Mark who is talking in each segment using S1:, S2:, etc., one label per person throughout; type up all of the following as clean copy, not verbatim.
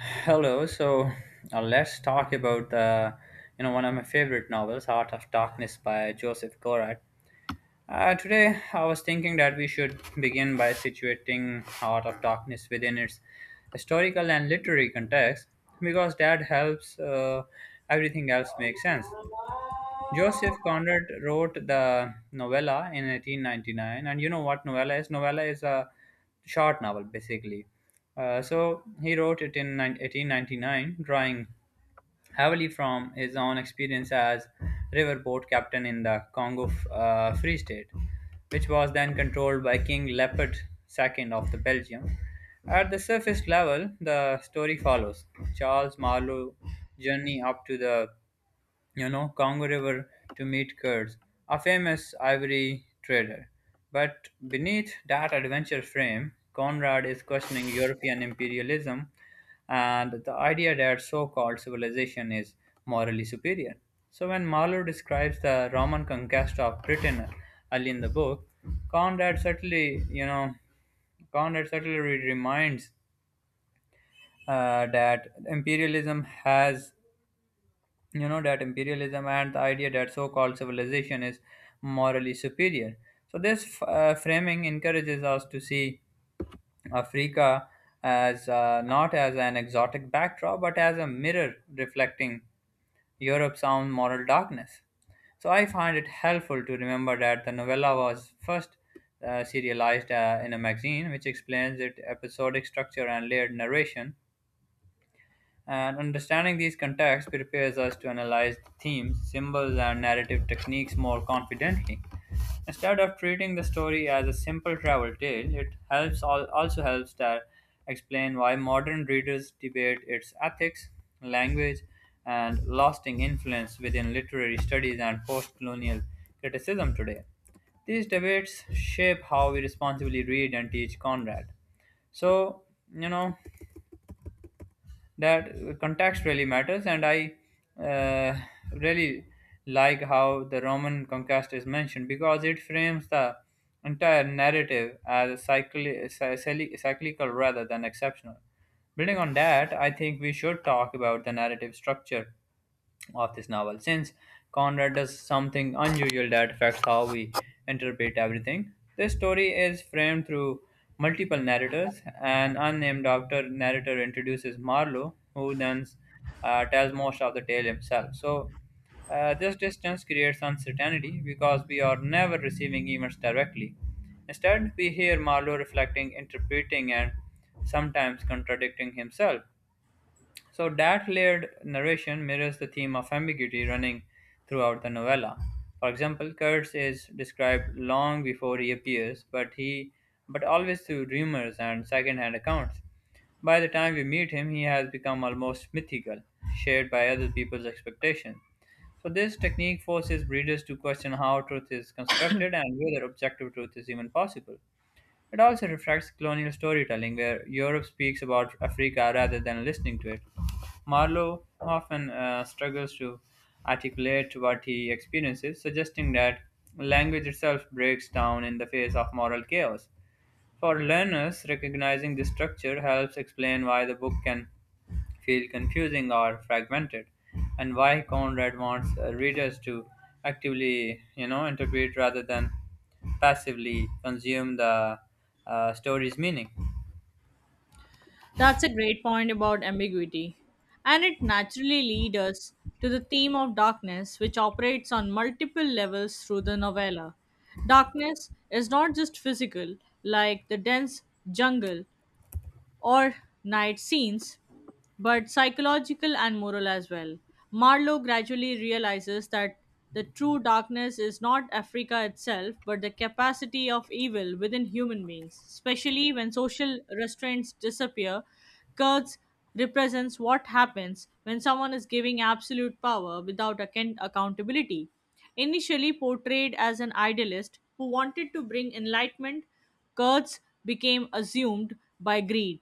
S1: Hello. Let's talk about one of my favorite novels, Heart of Darkness by Joseph Conrad. Today, I was thinking that we should begin by situating Heart of Darkness within its historical and literary context, because that helps everything else make sense. Joseph Conrad wrote the novella in 1899, and you know what novella is? Novella is a short novel, basically. So he wrote it in 9 1899, drawing heavily from his own experience as riverboat captain in the Congo Free State, which was then controlled by King Leopold II of the Belgium. At the surface level, the story follows Charles Marlowe's journey up to the, Congo River to meet Kurz, a famous ivory trader. But beneath that adventure frame, Conrad is questioning European imperialism and the idea that so called civilization is morally superior. So, when Marlowe describes the Roman conquest of Britain early in the book, Conrad certainly, you know, Conrad certainly reminds that imperialism has, that imperialism and the idea that so-called civilization is morally superior. So framing encourages us to see Africa as, not as an exotic backdrop but as a mirror reflecting Europe's own moral darkness. So I find it helpful to remember that the novella was first serialized in a magazine, which explains its episodic structure and layered narration, and understanding these contexts prepares us to analyze themes, symbols, and narrative techniques more confidently. Instead of treating the story as a simple travel tale, it also helps to explain why modern readers debate its ethics, language, and lasting influence within literary studies and post-colonial criticism today. These debates shape how we responsibly read and teach Conrad. So, you know, that context really matters, and I uh, really like how the Roman conquest is mentioned because it frames the entire narrative as cyclical rather than exceptional. Building on that, I think we should talk about the narrative structure of this novel, since Conrad does something unusual that affects how we interpret everything. This story is framed through multiple narrators. An unnamed doctor narrator introduces Marlowe, who then tells most of the tale himself. So this distance creates uncertainty because we are never receiving emails directly. Instead, we hear Marlowe reflecting, interpreting, and sometimes contradicting himself. So that layered narration mirrors the theme of ambiguity running throughout the novella. For example, Kurtz is described long before he appears, but always through rumors and second-hand accounts. By the time we meet him, he has become almost mythical, shared by other people's expectations. So this technique forces readers to question how truth is constructed and whether objective truth is even possible. It also reflects colonial storytelling, where Europe speaks about Africa rather than listening to it. Marlowe often struggles to articulate what he experiences, suggesting that language itself breaks down in the face of moral chaos. For learners, recognizing this structure helps explain why the book can feel confusing or fragmented, and why Conrad wants readers to actively, interpret rather than passively consume the story's meaning.
S2: That's a great point about ambiguity. And it naturally leads us to the theme of darkness, which operates on multiple levels through the novella. Darkness is not just physical, like the dense jungle, or night scenes, but psychological and moral as well. Marlowe gradually realizes that the true darkness is not Africa itself, but the capacity of evil within human beings, especially when social restraints disappear. Kurtz represents what happens when someone is giving absolute power without accountability. Initially portrayed as an idealist who wanted to bring enlightenment, Kurtz became assumed by greed,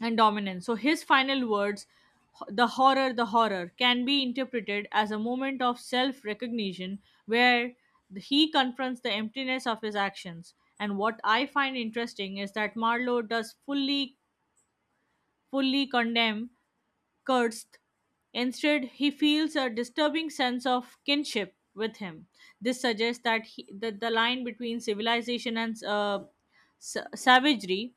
S2: and dominance. So his final words, the horror, can be interpreted as a moment of self recognition where he confronts the emptiness of his actions. And what I find interesting is that Marlowe does fully condemn Kurtz. Instead, he feels a disturbing sense of kinship with him. This suggests that the line between civilization and savagery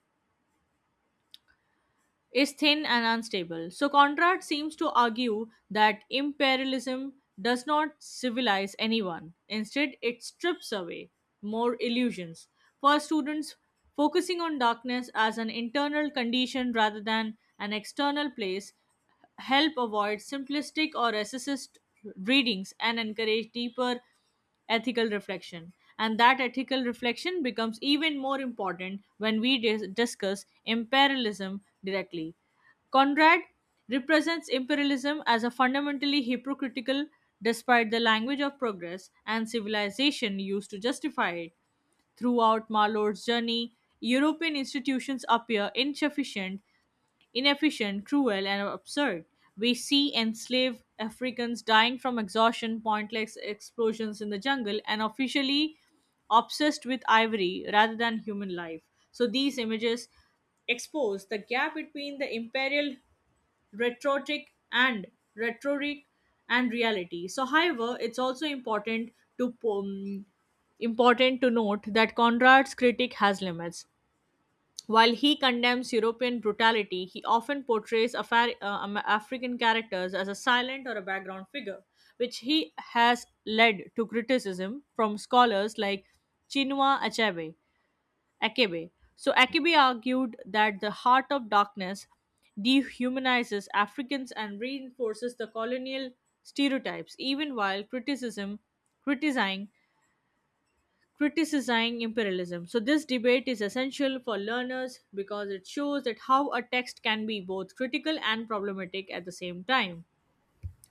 S2: is thin and unstable. So Conrad seems to argue that imperialism does not civilize anyone. Instead, it strips away more illusions. For students, focusing on darkness as an internal condition rather than an external place help avoid simplistic or racist readings and encourage deeper ethical reflection. And that ethical reflection becomes even more important when we discuss imperialism directly. Conrad represents imperialism as a fundamentally hypocritical, despite the language of progress and civilization used to justify it. Throughout Marlowe's journey, European institutions appear insufficient inefficient, cruel, and absurd. We see enslaved Africans dying from exhaustion, pointless explosions in the jungle, and officially obsessed with ivory rather than human life. So these images expose the gap between the imperial rhetoric and rhetoric and reality. So, however, it's also important to note that Conrad's critique has limits. While he condemns European brutality, he often portrays African characters as a silent or a background figure, which he has led to criticism from scholars like Chinua Achebe. Achebe. So Achebe argued that the heart of darkness dehumanizes Africans and reinforces the colonial stereotypes, even while criticism criticizing criticizing imperialism. So, this debate is essential for learners because it shows that how a text can be both critical and problematic at the same time.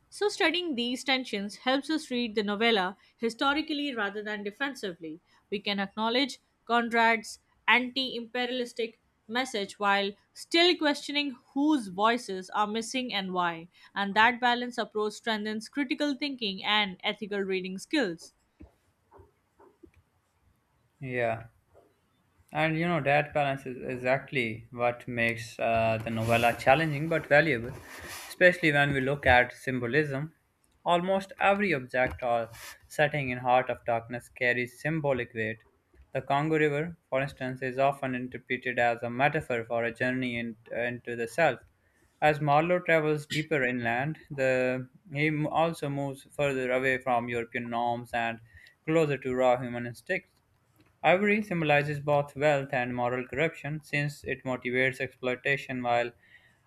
S2: So, studying these tensions helps us read the novella historically rather than defensively. We can acknowledge Conrad's anti imperialistic message while still questioning whose voices are missing and why. And that balanced approach strengthens critical thinking and ethical reading skills.
S1: Yeah. And you know, that balance is exactly what makes the novella challenging but valuable, especially when we look at symbolism. Almost every object or setting in Heart of Darkness carries symbolic weight. The Congo River, for instance, is often interpreted as a metaphor for a journey into the self. As Marlowe travels deeper inland, also moves further away from European norms and closer to raw human instincts. Ivory symbolizes both wealth and moral corruption, since it motivates exploitation while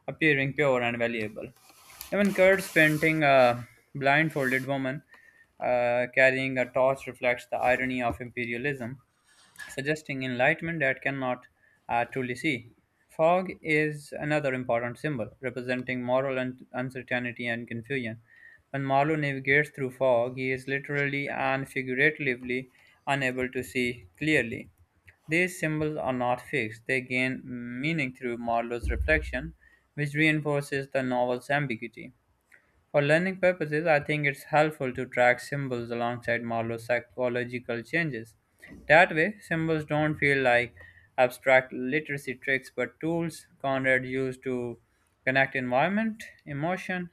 S1: appearing pure and valuable. Even Kurt's painting, a blindfolded woman carrying a torch, reflects the irony of imperialism, suggesting enlightenment that cannot truly see. Fog is another important symbol, representing uncertainty and confusion. When Marlowe navigates through fog, he is literally and figuratively unable to see clearly. These symbols are not fixed; they gain meaning through Marlowe's reflection, which reinforces the novel's ambiguity. For learning purposes, I think it's helpful to track symbols alongside Marlowe's psychological changes. That way, symbols don't feel like abstract literacy tricks but tools Conrad used to connect environment, emotion,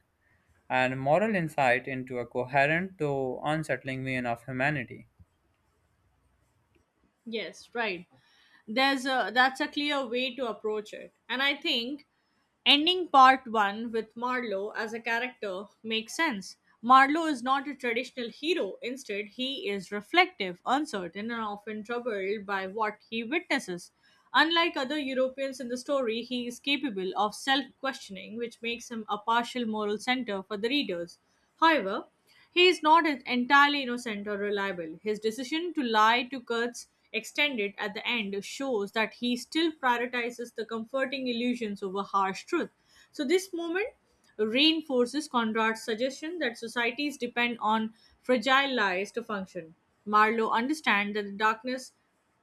S1: and moral insight into a coherent, though unsettling vein of humanity.
S2: Yes, right. There's a That's a clear way to approach it. And I think ending part 1 with Marlowe as a character makes sense. Marlowe is not a traditional hero. Instead, he is reflective, uncertain, and often troubled by what he witnesses. Unlike other Europeans in the story, he is capable of self questioning, which makes him a partial moral center for the readers. However, he is not entirely innocent or reliable. His decision to lie to Kurt's extended at the end shows that he still prioritizes the comforting illusions over harsh truth. So this moment reinforces Conrad's suggestion that societies depend on fragile lies to function. Marlowe understands that the darkness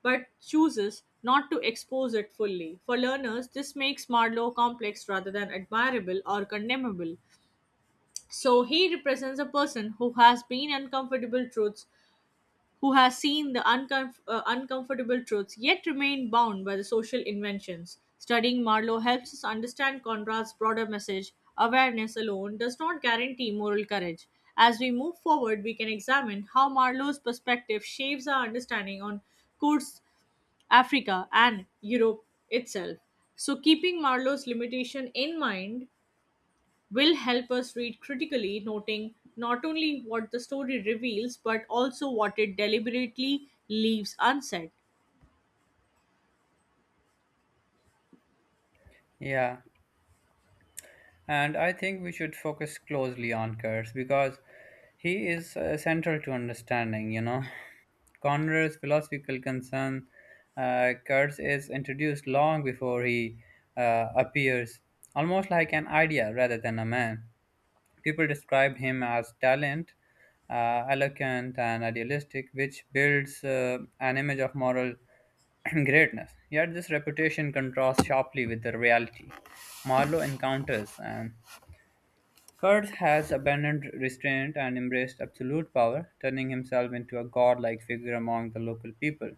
S2: but chooses not to expose it fully. For learners, this makes Marlowe complex rather than admirable or condemnable. So he represents a person who has been uncomfortable truths, who has seen the uncomfortable truths, yet remain bound by the social inventions. Studying Marlowe helps us understand Conrad's broader message. Awareness alone does not guarantee moral courage. As we move forward, we can examine how Marlowe's perspective shapes our understanding on Kurds, Africa, and Europe itself. So, keeping Marlowe's limitation in mind, will help us read critically, noting not only what the story reveals but also what it deliberately leaves unsaid.
S1: Yeah, and I think we should focus closely on Kurtz because he is central to understanding, you know, Conrad's philosophical concern. Kurtz is introduced long before he appears, almost like an idea rather than a man. People described him as talent, eloquent, and idealistic, which builds an image of moral greatness. Yet this reputation contrasts sharply with the reality Marlowe encounters. And Kurtz has abandoned restraint and embraced absolute power, turning himself into a godlike figure among the local people.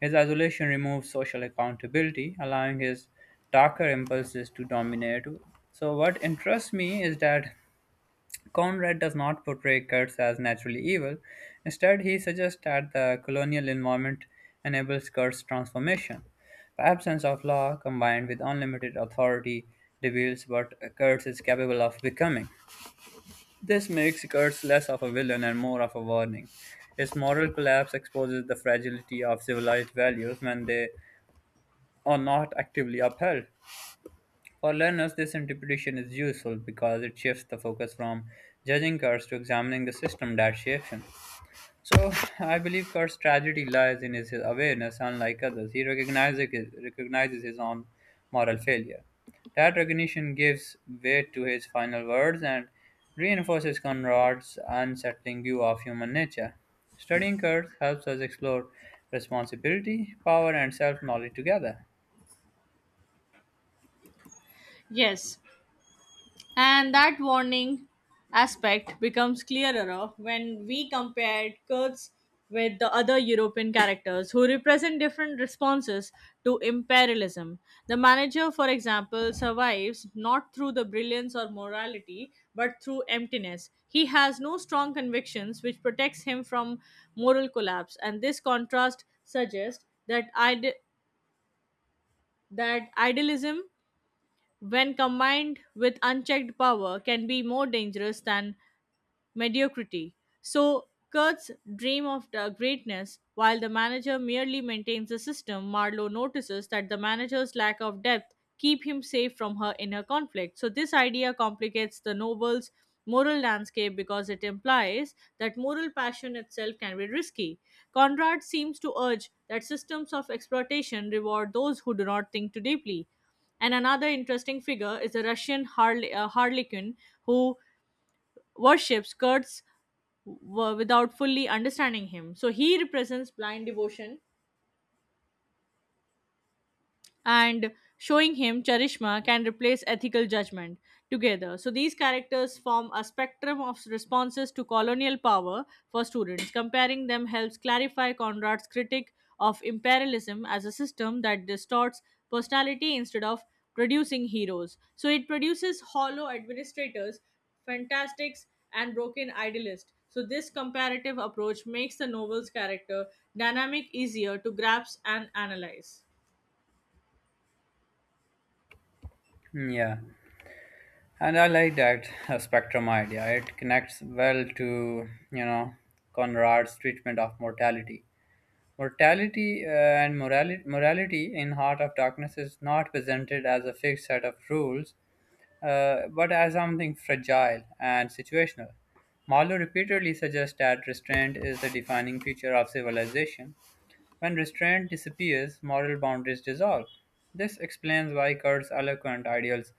S1: His isolation removes social accountability, allowing his darker impulses to dominate. So, what interests me is that Conrad does not portray Kurtz as naturally evil; instead, he suggests that the colonial environment enables Kurtz's transformation. The absence of law combined with unlimited authority reveals what Kurtz is capable of becoming. This makes Kurtz less of a villain and more of a warning. His moral collapse exposes the fragility of civilized values when they are not actively upheld. For learners, this interpretation is useful because it shifts the focus from judging Kurtz to examining the system that shapes him. So, I believe Kurtz's tragedy lies in his awareness. Unlike others, he recognizes his own moral failure. That recognition gives weight to his final words and reinforces Conrad's unsettling view of human nature. Studying Kurtz helps us explore responsibility, power, and self knowledge together.
S2: Yes, and that warning aspect becomes clearer when we compared Kurds with the other European characters who represent different responses to imperialism. The manager, for example, survives not through the brilliance or morality, but through emptiness. He has no strong convictions which protects him from moral collapse, and this contrast suggests that idealism when combined with unchecked power, can be more dangerous than mediocrity. So Kurt's dream of the greatness, while the manager merely maintains the system, Marlowe notices that the manager's lack of depth keep him safe from her inner conflict. So this idea complicates the novel's moral landscape because it implies that moral passion itself can be risky. Conrad seems to urge that systems of exploitation reward those who do not think too deeply. And another interesting figure is the Russian harlequin who worships Kurtz without fully understanding him. So he represents blind devotion and showing him Charishma can replace ethical judgment together. So these characters form a spectrum of responses to colonial power for students. Comparing them helps clarify Conrad's critique of imperialism as a system that distorts personality instead of producing heroes. So it produces hollow administrators, fantastics, and broken idealists. So this comparative approach makes the novel's character dynamic easier to grasp and analyze.
S1: Hmm, yeah. And I like that spectrum idea. It connects well to, you know, Conrad's treatment of mortality. Morality in Heart of Darkness is not presented as a fixed set of rules, but as something fragile and situational. Marlowe repeatedly suggests that restraint is the defining feature of civilization; when restraint disappears, moral boundaries dissolve. This explains why Kurt's eloquent ideals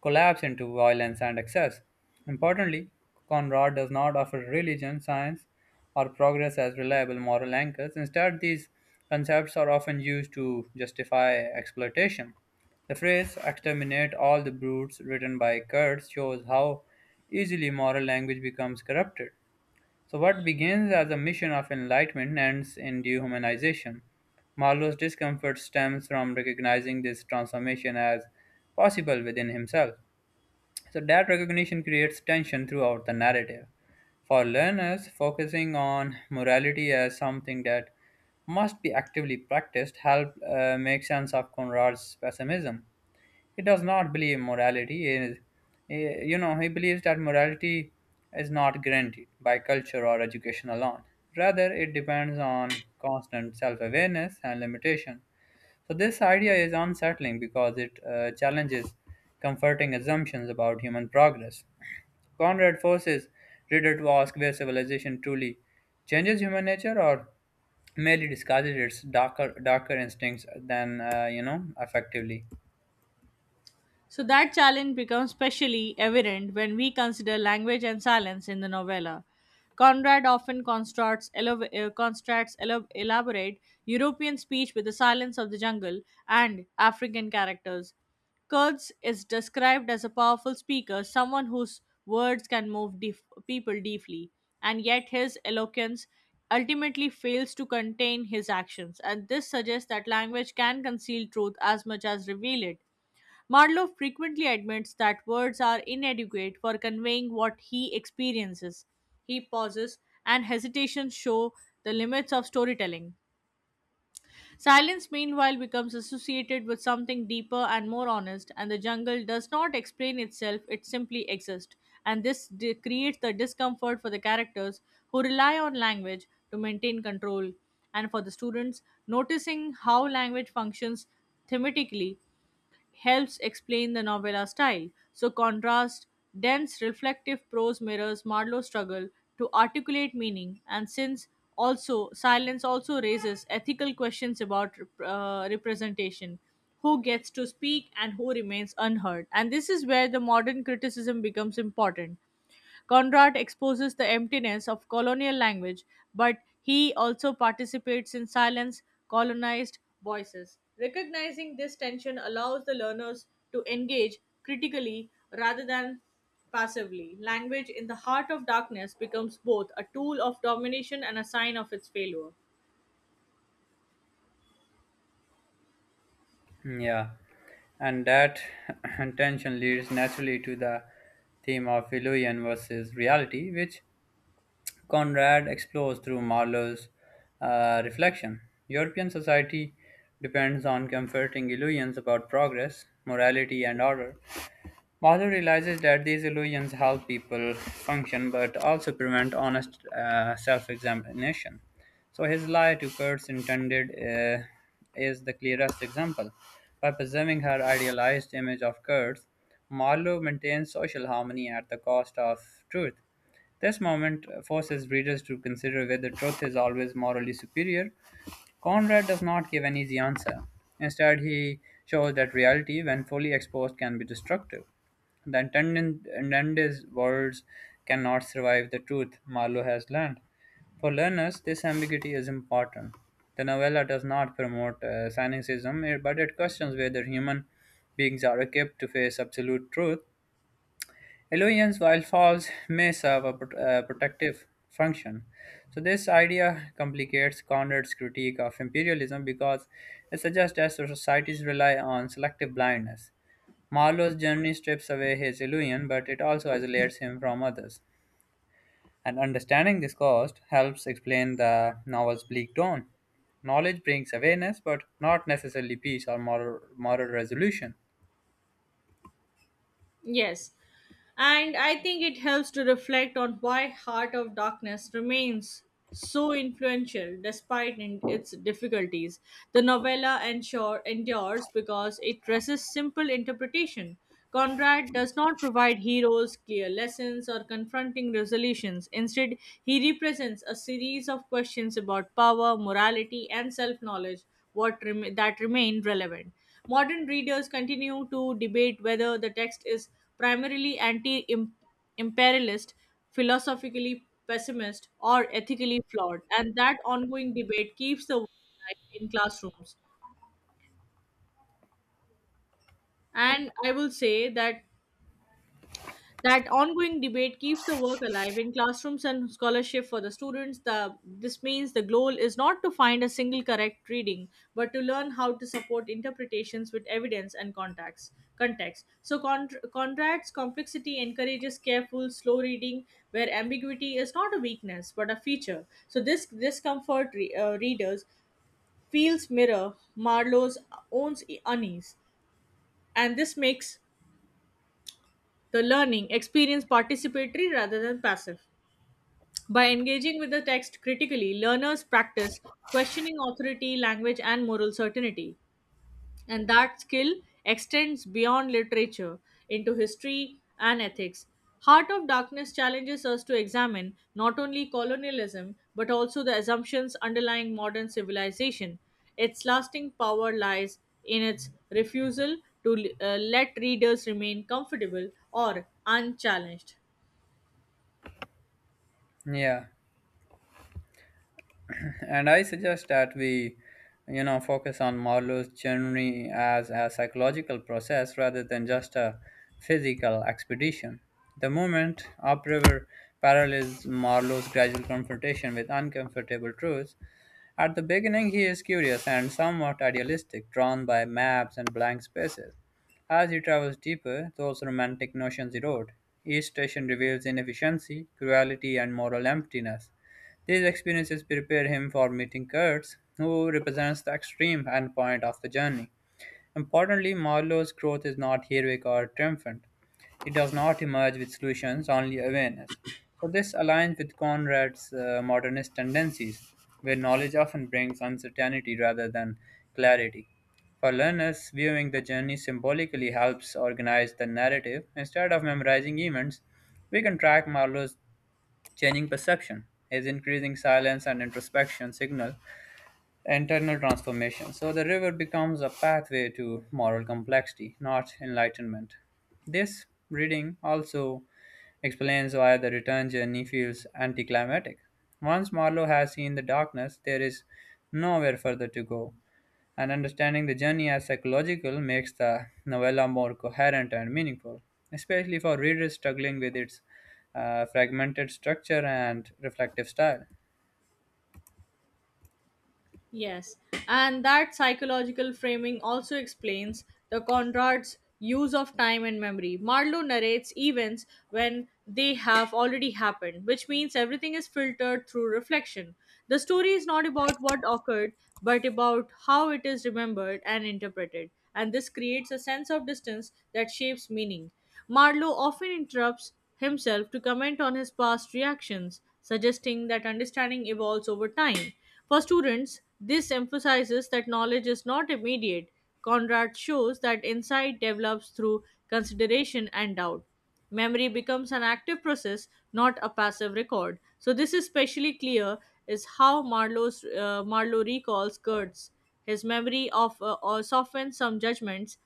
S1: collapse into violence and excess. Importantly, Conrad does not offer religion, science, or progress as reliable moral anchors. Instead, these concepts are often used to justify exploitation. The phrase exterminate all the brutes, written by Kurtz, shows how easily moral language becomes corrupted. So, what begins as a mission of enlightenment ends in dehumanization. Marlowe's discomfort stems from recognizing this transformation as possible within himself. So, that recognition creates tension throughout the narrative. For learners, focusing on morality as something that must be actively practiced help make sense of Conrad's pessimism. He does not believe morality is, eh, you know, He believes that morality is not guaranteed by culture or education alone. Rather, it depends on constant self awareness and limitation. So, this idea is unsettling because it challenges comforting assumptions about human progress. Conrad forces reader to ask where civilization truly changes human nature or merely disguises its darker instincts than, effectively.
S2: So that challenge becomes specially evident when we consider language and silence in the novella. Conrad often constructs elaborate European speech with the silence of the jungle and African characters. Kurtz is described as a powerful speaker, someone whose words can move deep people deeply, and yet his eloquence ultimately fails to contain his actions. And this suggests that language can conceal truth as much as reveal it, Marlowe frequently admits that words are inadequate for conveying what he experiences. He pauses, and hesitations show the limits of storytelling. Silence, meanwhile, becomes associated with something deeper and more honest, and the jungle does not explain itself, it simply exists. And this creates the discomfort for the characters who rely on language to maintain control, and for the students, noticing how language functions thematically helps explain the novella style. So, contrast, dense, reflective prose mirrors Marlowe's struggle to articulate meaning, and since also silence also raises ethical questions about representation who gets to speak and who remains unheard and this is where the modern criticism becomes important Conrad exposes the emptiness of colonial language, but he also participates in silence colonized voices. Recognizing this tension allows the learners to engage critically rather than passively. Language in the heart of darkness becomes both a tool of domination and a sign of its failure.
S1: Yeah, and that tension leads naturally to the theme of illusion versus reality, which Conrad explores through Marlowe's reflection. European society depends on comforting illusions about progress, morality, and order. Marlowe realizes that these illusions help people function but also prevent honest self examination. So, his lie to Kurt's intended is the clearest example. By preserving her idealized image of Kurtz, Marlowe maintains social harmony at the cost of truth. This moment forces readers to consider whether truth is always morally superior. Conrad does not give an easy answer. Instead, he shows that reality, when fully exposed, can be destructive. The attendant's words cannot survive the truth Marlowe has learned. For learners, this ambiguity is important. The novella does not promote cynicism, but it questions whether human beings are equipped to face absolute truth. Illusions, while false, may serve a protective function. So, this idea complicates Conrad's critique of imperialism because it suggests that societies rely on selective blindness. Marlowe's journey strips away his illusion, but it also isolates him from others. And understanding this cost helps explain the novel's bleak tone. Knowledge brings awareness, but not necessarily peace or moral resolution.
S2: Yes. And I think it helps to reflect on why Heart of Darkness remains so influential despite in its difficulties. The novella endures because it resists simple interpretation. Conrad does not provide heroes clear lessons or confronting resolutions. Instead, he represents a series of questions about power, morality, and self knowledge that remain relevant. Modern readers continue to debate whether the text is primarily anti imperialist, philosophically pessimist, or ethically flawed, and that ongoing debate keeps the work alive in classrooms. And I will say that that ongoing debate keeps the work alive in classrooms and scholarship for the students. This means the goal is not to find a single correct reading, but to learn how to support interpretations with evidence and context. So, Conrad's complexity encourages careful, slow reading, where ambiguity is not a weakness but a feature. So, this discomfort readers feels mirror Marlowe's own unease, and this makes the learning experience participatory rather than passive. By engaging with the text critically, learners practice questioning authority, language, and moral certainty. And that skill extends beyond literature into history and ethics. Heart of Darkness challenges us to examine not only colonialism but also the assumptions underlying modern civilization. Its lasting power lies in its refusal to let readers remain comfortable or unchallenged.
S1: Yeah. And I suggest that we, focus on Marlowe's journey as a psychological process rather than just a physical expedition. The movement upriver parallels Marlowe's gradual confrontation with uncomfortable truths. At the beginning, he is curious and somewhat idealistic, drawn by maps and blank spaces. As he travels deeper, those romantic notions erode. Each station reveals inefficiency, cruelty, and moral emptiness. These experiences prepare him for meeting Kurtz, who represents the extreme endpoint of the journey. Importantly, Marlowe's growth is not heroic or triumphant. It does not emerge with solutions, only awareness. So, this aligns with Conrad's modernist tendencies, where knowledge often brings uncertainty rather than clarity. For learners, viewing the journey symbolically helps organize the narrative. Instead of memorizing events, we can track Marlowe's changing perception. His increasing silence and introspection signal internal transformation. So the river becomes a pathway to moral complexity, not enlightenment. This reading also explains why the return journey feels anticlimactic. Once Marlowe has seen the darkness, there is nowhere further to go, and understanding the journey as psychological makes the novella more coherent and meaningful, especially for readers struggling with its fragmented structure and reflective style.
S2: Yes, and that psychological framing also explains the Conrad's use of time and memory. Marlowe narrates events when they have already happened, which means everything is filtered through reflection. The story is not about what occurred, but about how it is remembered and interpreted, and this creates a sense of distance that shapes meaning. Marlowe often interrupts himself to comment on his past reactions, suggesting that understanding evolves over time. For students, this emphasizes that knowledge is not immediate. Conrad shows that insight develops through consideration and doubt. Memory becomes an active process, not a passive record. So this is especially clear is how Marlowe recalls Kurtz. His memory of or softens some judgments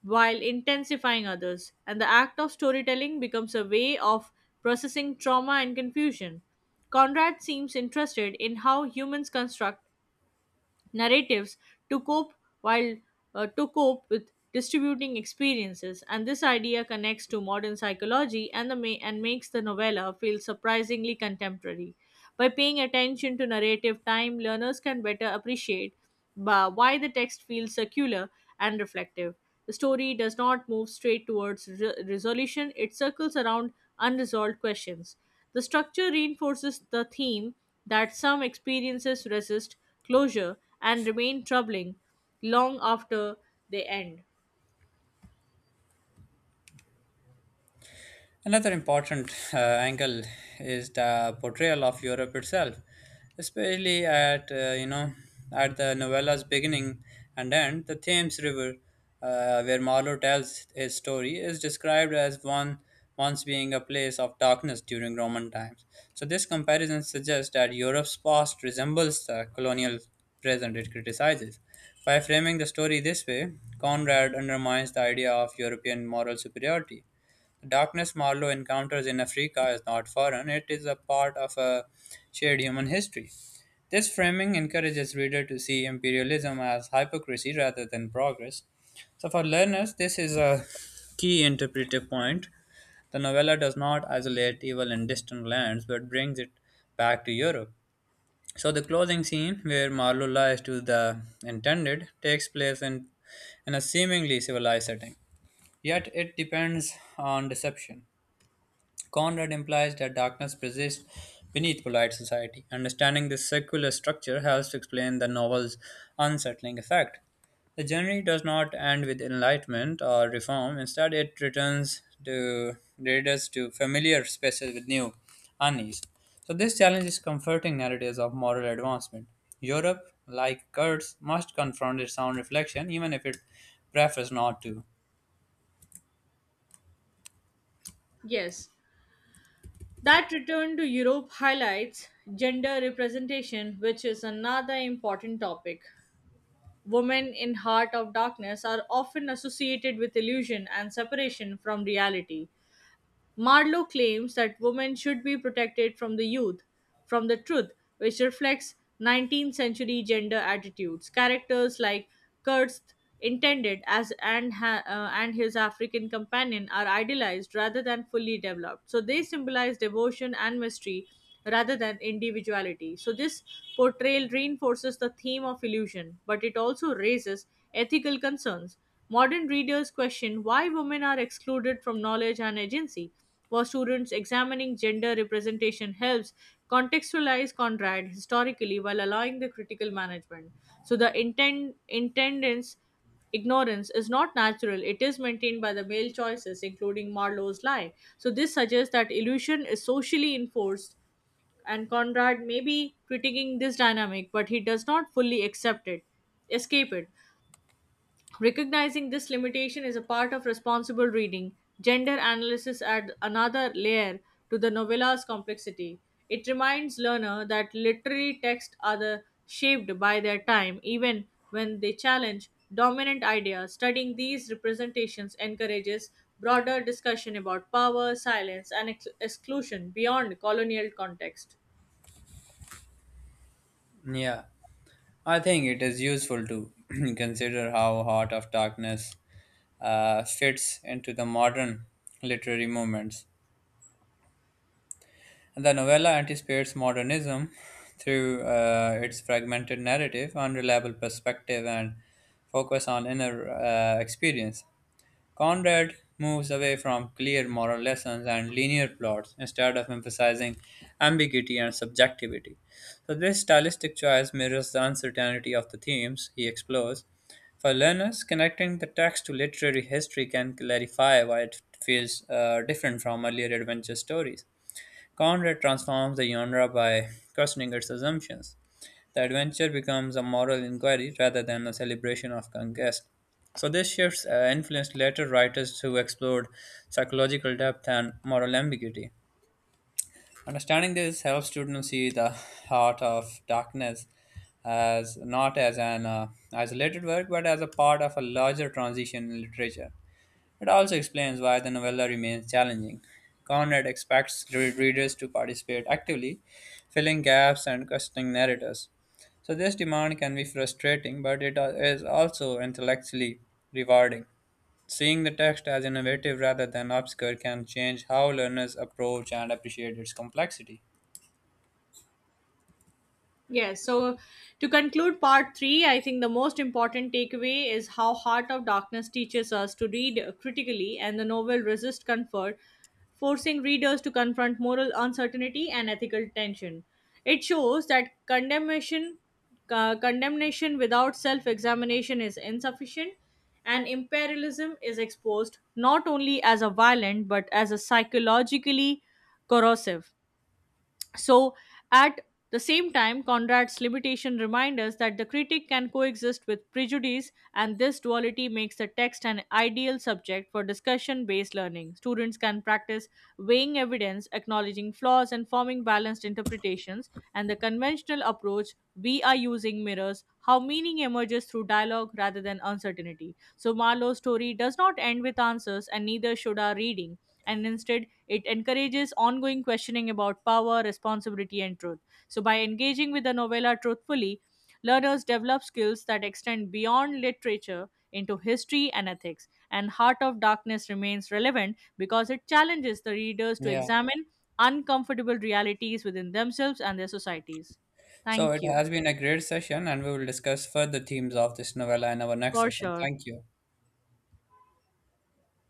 S2: while intensifying others, and the act of storytelling becomes a way of processing trauma and confusion. Conrad seems interested in how humans construct narratives to cope while to cope with distributing experiences and this idea connects to modern psychology and makes the novella feel surprisingly contemporary by paying attention to narrative time learners can better appreciate why the text feels circular and reflective the story does not move straight towards resolution it circles around unresolved questions the structure reinforces the theme that some experiences resist closure and remain troubling long after they end.
S1: Another important angle is the portrayal of Europe itself, especially at you know at the novella's beginning and end. The Thames River, where Marlowe tells his story, is described as one once being a place of darkness during Roman times. So this comparison suggests that Europe's past resembles the colonial present it criticizes. By framing the story this way, Conrad undermines the idea of European moral superiority. Darkness Marlowe encounters in Africa is not foreign, it is a part of a shared human history. This framing encourages reader to see imperialism as hypocrisy rather than progress. So for learners, this is a key interpretive point. The novella does not isolate evil in distant lands but brings it back to Europe. So the closing scene where Marlowe lies to the intended takes place in a seemingly civilized setting. Yet it depends on deception. Conrad implies that darkness persists beneath polite society. Understanding this circular structure helps to explain the novel's unsettling effect. The journey does not end with enlightenment or reform, instead, it returns to readers to familiar spaces with new unease. So, this challenges comforting narratives of moral advancement. Europe, like Kurtz, must confront its own reflection, even if it prefers not to.
S2: Yes, that return to Europe highlights gender representation, which is another important topic. Women in Heart of Darkness are often associated with illusion and separation from reality, Marlowe claims that women should be protected from the youth, from the truth, which reflects 19th century gender attitudes. Characters like Kurtz intended and his African companion are idealized rather than fully developed. So they symbolize devotion and mystery rather than individuality. So this portrayal reinforces the theme of illusion, but it also raises ethical concerns Modern readers question why women are excluded from knowledge and agency. For students, examining gender representation helps contextualize Conrad historically while allowing the critical management. So the intent intendance ignorance is not natural it is maintained by the male choices including marlowe's lie so this suggests that illusion is socially enforced and conrad may be critiquing this dynamic but he does not fully accept it escape it Recognizing this limitation is a part of responsible reading. Gender analysis adds another layer to the novella's complexity. It reminds learner that literary texts shaped by their time, even when they challenge dominant ideas. Studying these representations encourages broader discussion about power, silence, and exclusion beyond colonial context.
S1: Yeah. I think it is useful to consider how Heart of Darkness fits into the modern literary movements. The novella anticipates modernism through its fragmented narrative, unreliable perspective, and focus on inner experience. Conrad moves away from clear moral lessons and linear plots instead of emphasizing ambiguity and subjectivity. So, this stylistic choice mirrors the uncertainty of the themes he explores. For learners, connecting the text to literary history can clarify why it feels different from earlier adventure stories. Conrad transforms the genre by questioning its assumptions. The adventure becomes a moral inquiry rather than a celebration of conquest. So, these shifts influenced later writers who explored psychological depth and moral ambiguity. Understanding this helps students see the Heart of Darkness as not as an isolated work but as a part of a larger transition in literature. It also explains why the novella remains challenging. Conrad expects readers to participate actively, filling gaps and questioning narrators. So, this demand can be frustrating, but it is also intellectually rewarding. Seeing the text as innovative rather than obscure can change how learners approach and appreciate its complexity.
S2: Yes, so to conclude part three, I think the most important takeaway is how Heart of Darkness teaches us to read critically and the novel resists comfort, forcing readers to confront moral uncertainty and ethical tension. It shows that condemnation without self examination is insufficient, and imperialism is exposed not only as a violent but as a psychologically corrosive. So, at the same time, Conrad's limitation reminds us that the critic can coexist with prejudice, and this duality makes the text an ideal subject for discussion based learning. Students can practice weighing evidence, acknowledging flaws, and forming balanced interpretations, and the conventional approach we are using mirrors how meaning emerges through dialogue rather than uncertainty. So, Marlowe's story does not end with answers, and neither should our reading, and instead it encourages ongoing questioning about power, responsibility, and truth. So, by engaging with the novella truthfully, learners develop skills that extend beyond literature into history and ethics. And Heart of Darkness remains relevant because it challenges the readers to
S1: Yeah.
S2: examine uncomfortable realities within themselves and their societies.
S1: So, it
S2: Thank you.
S1: has been a great session, and we will discuss further themes of this novella in our next
S2: For
S1: session.
S2: sure.
S1: Thank you.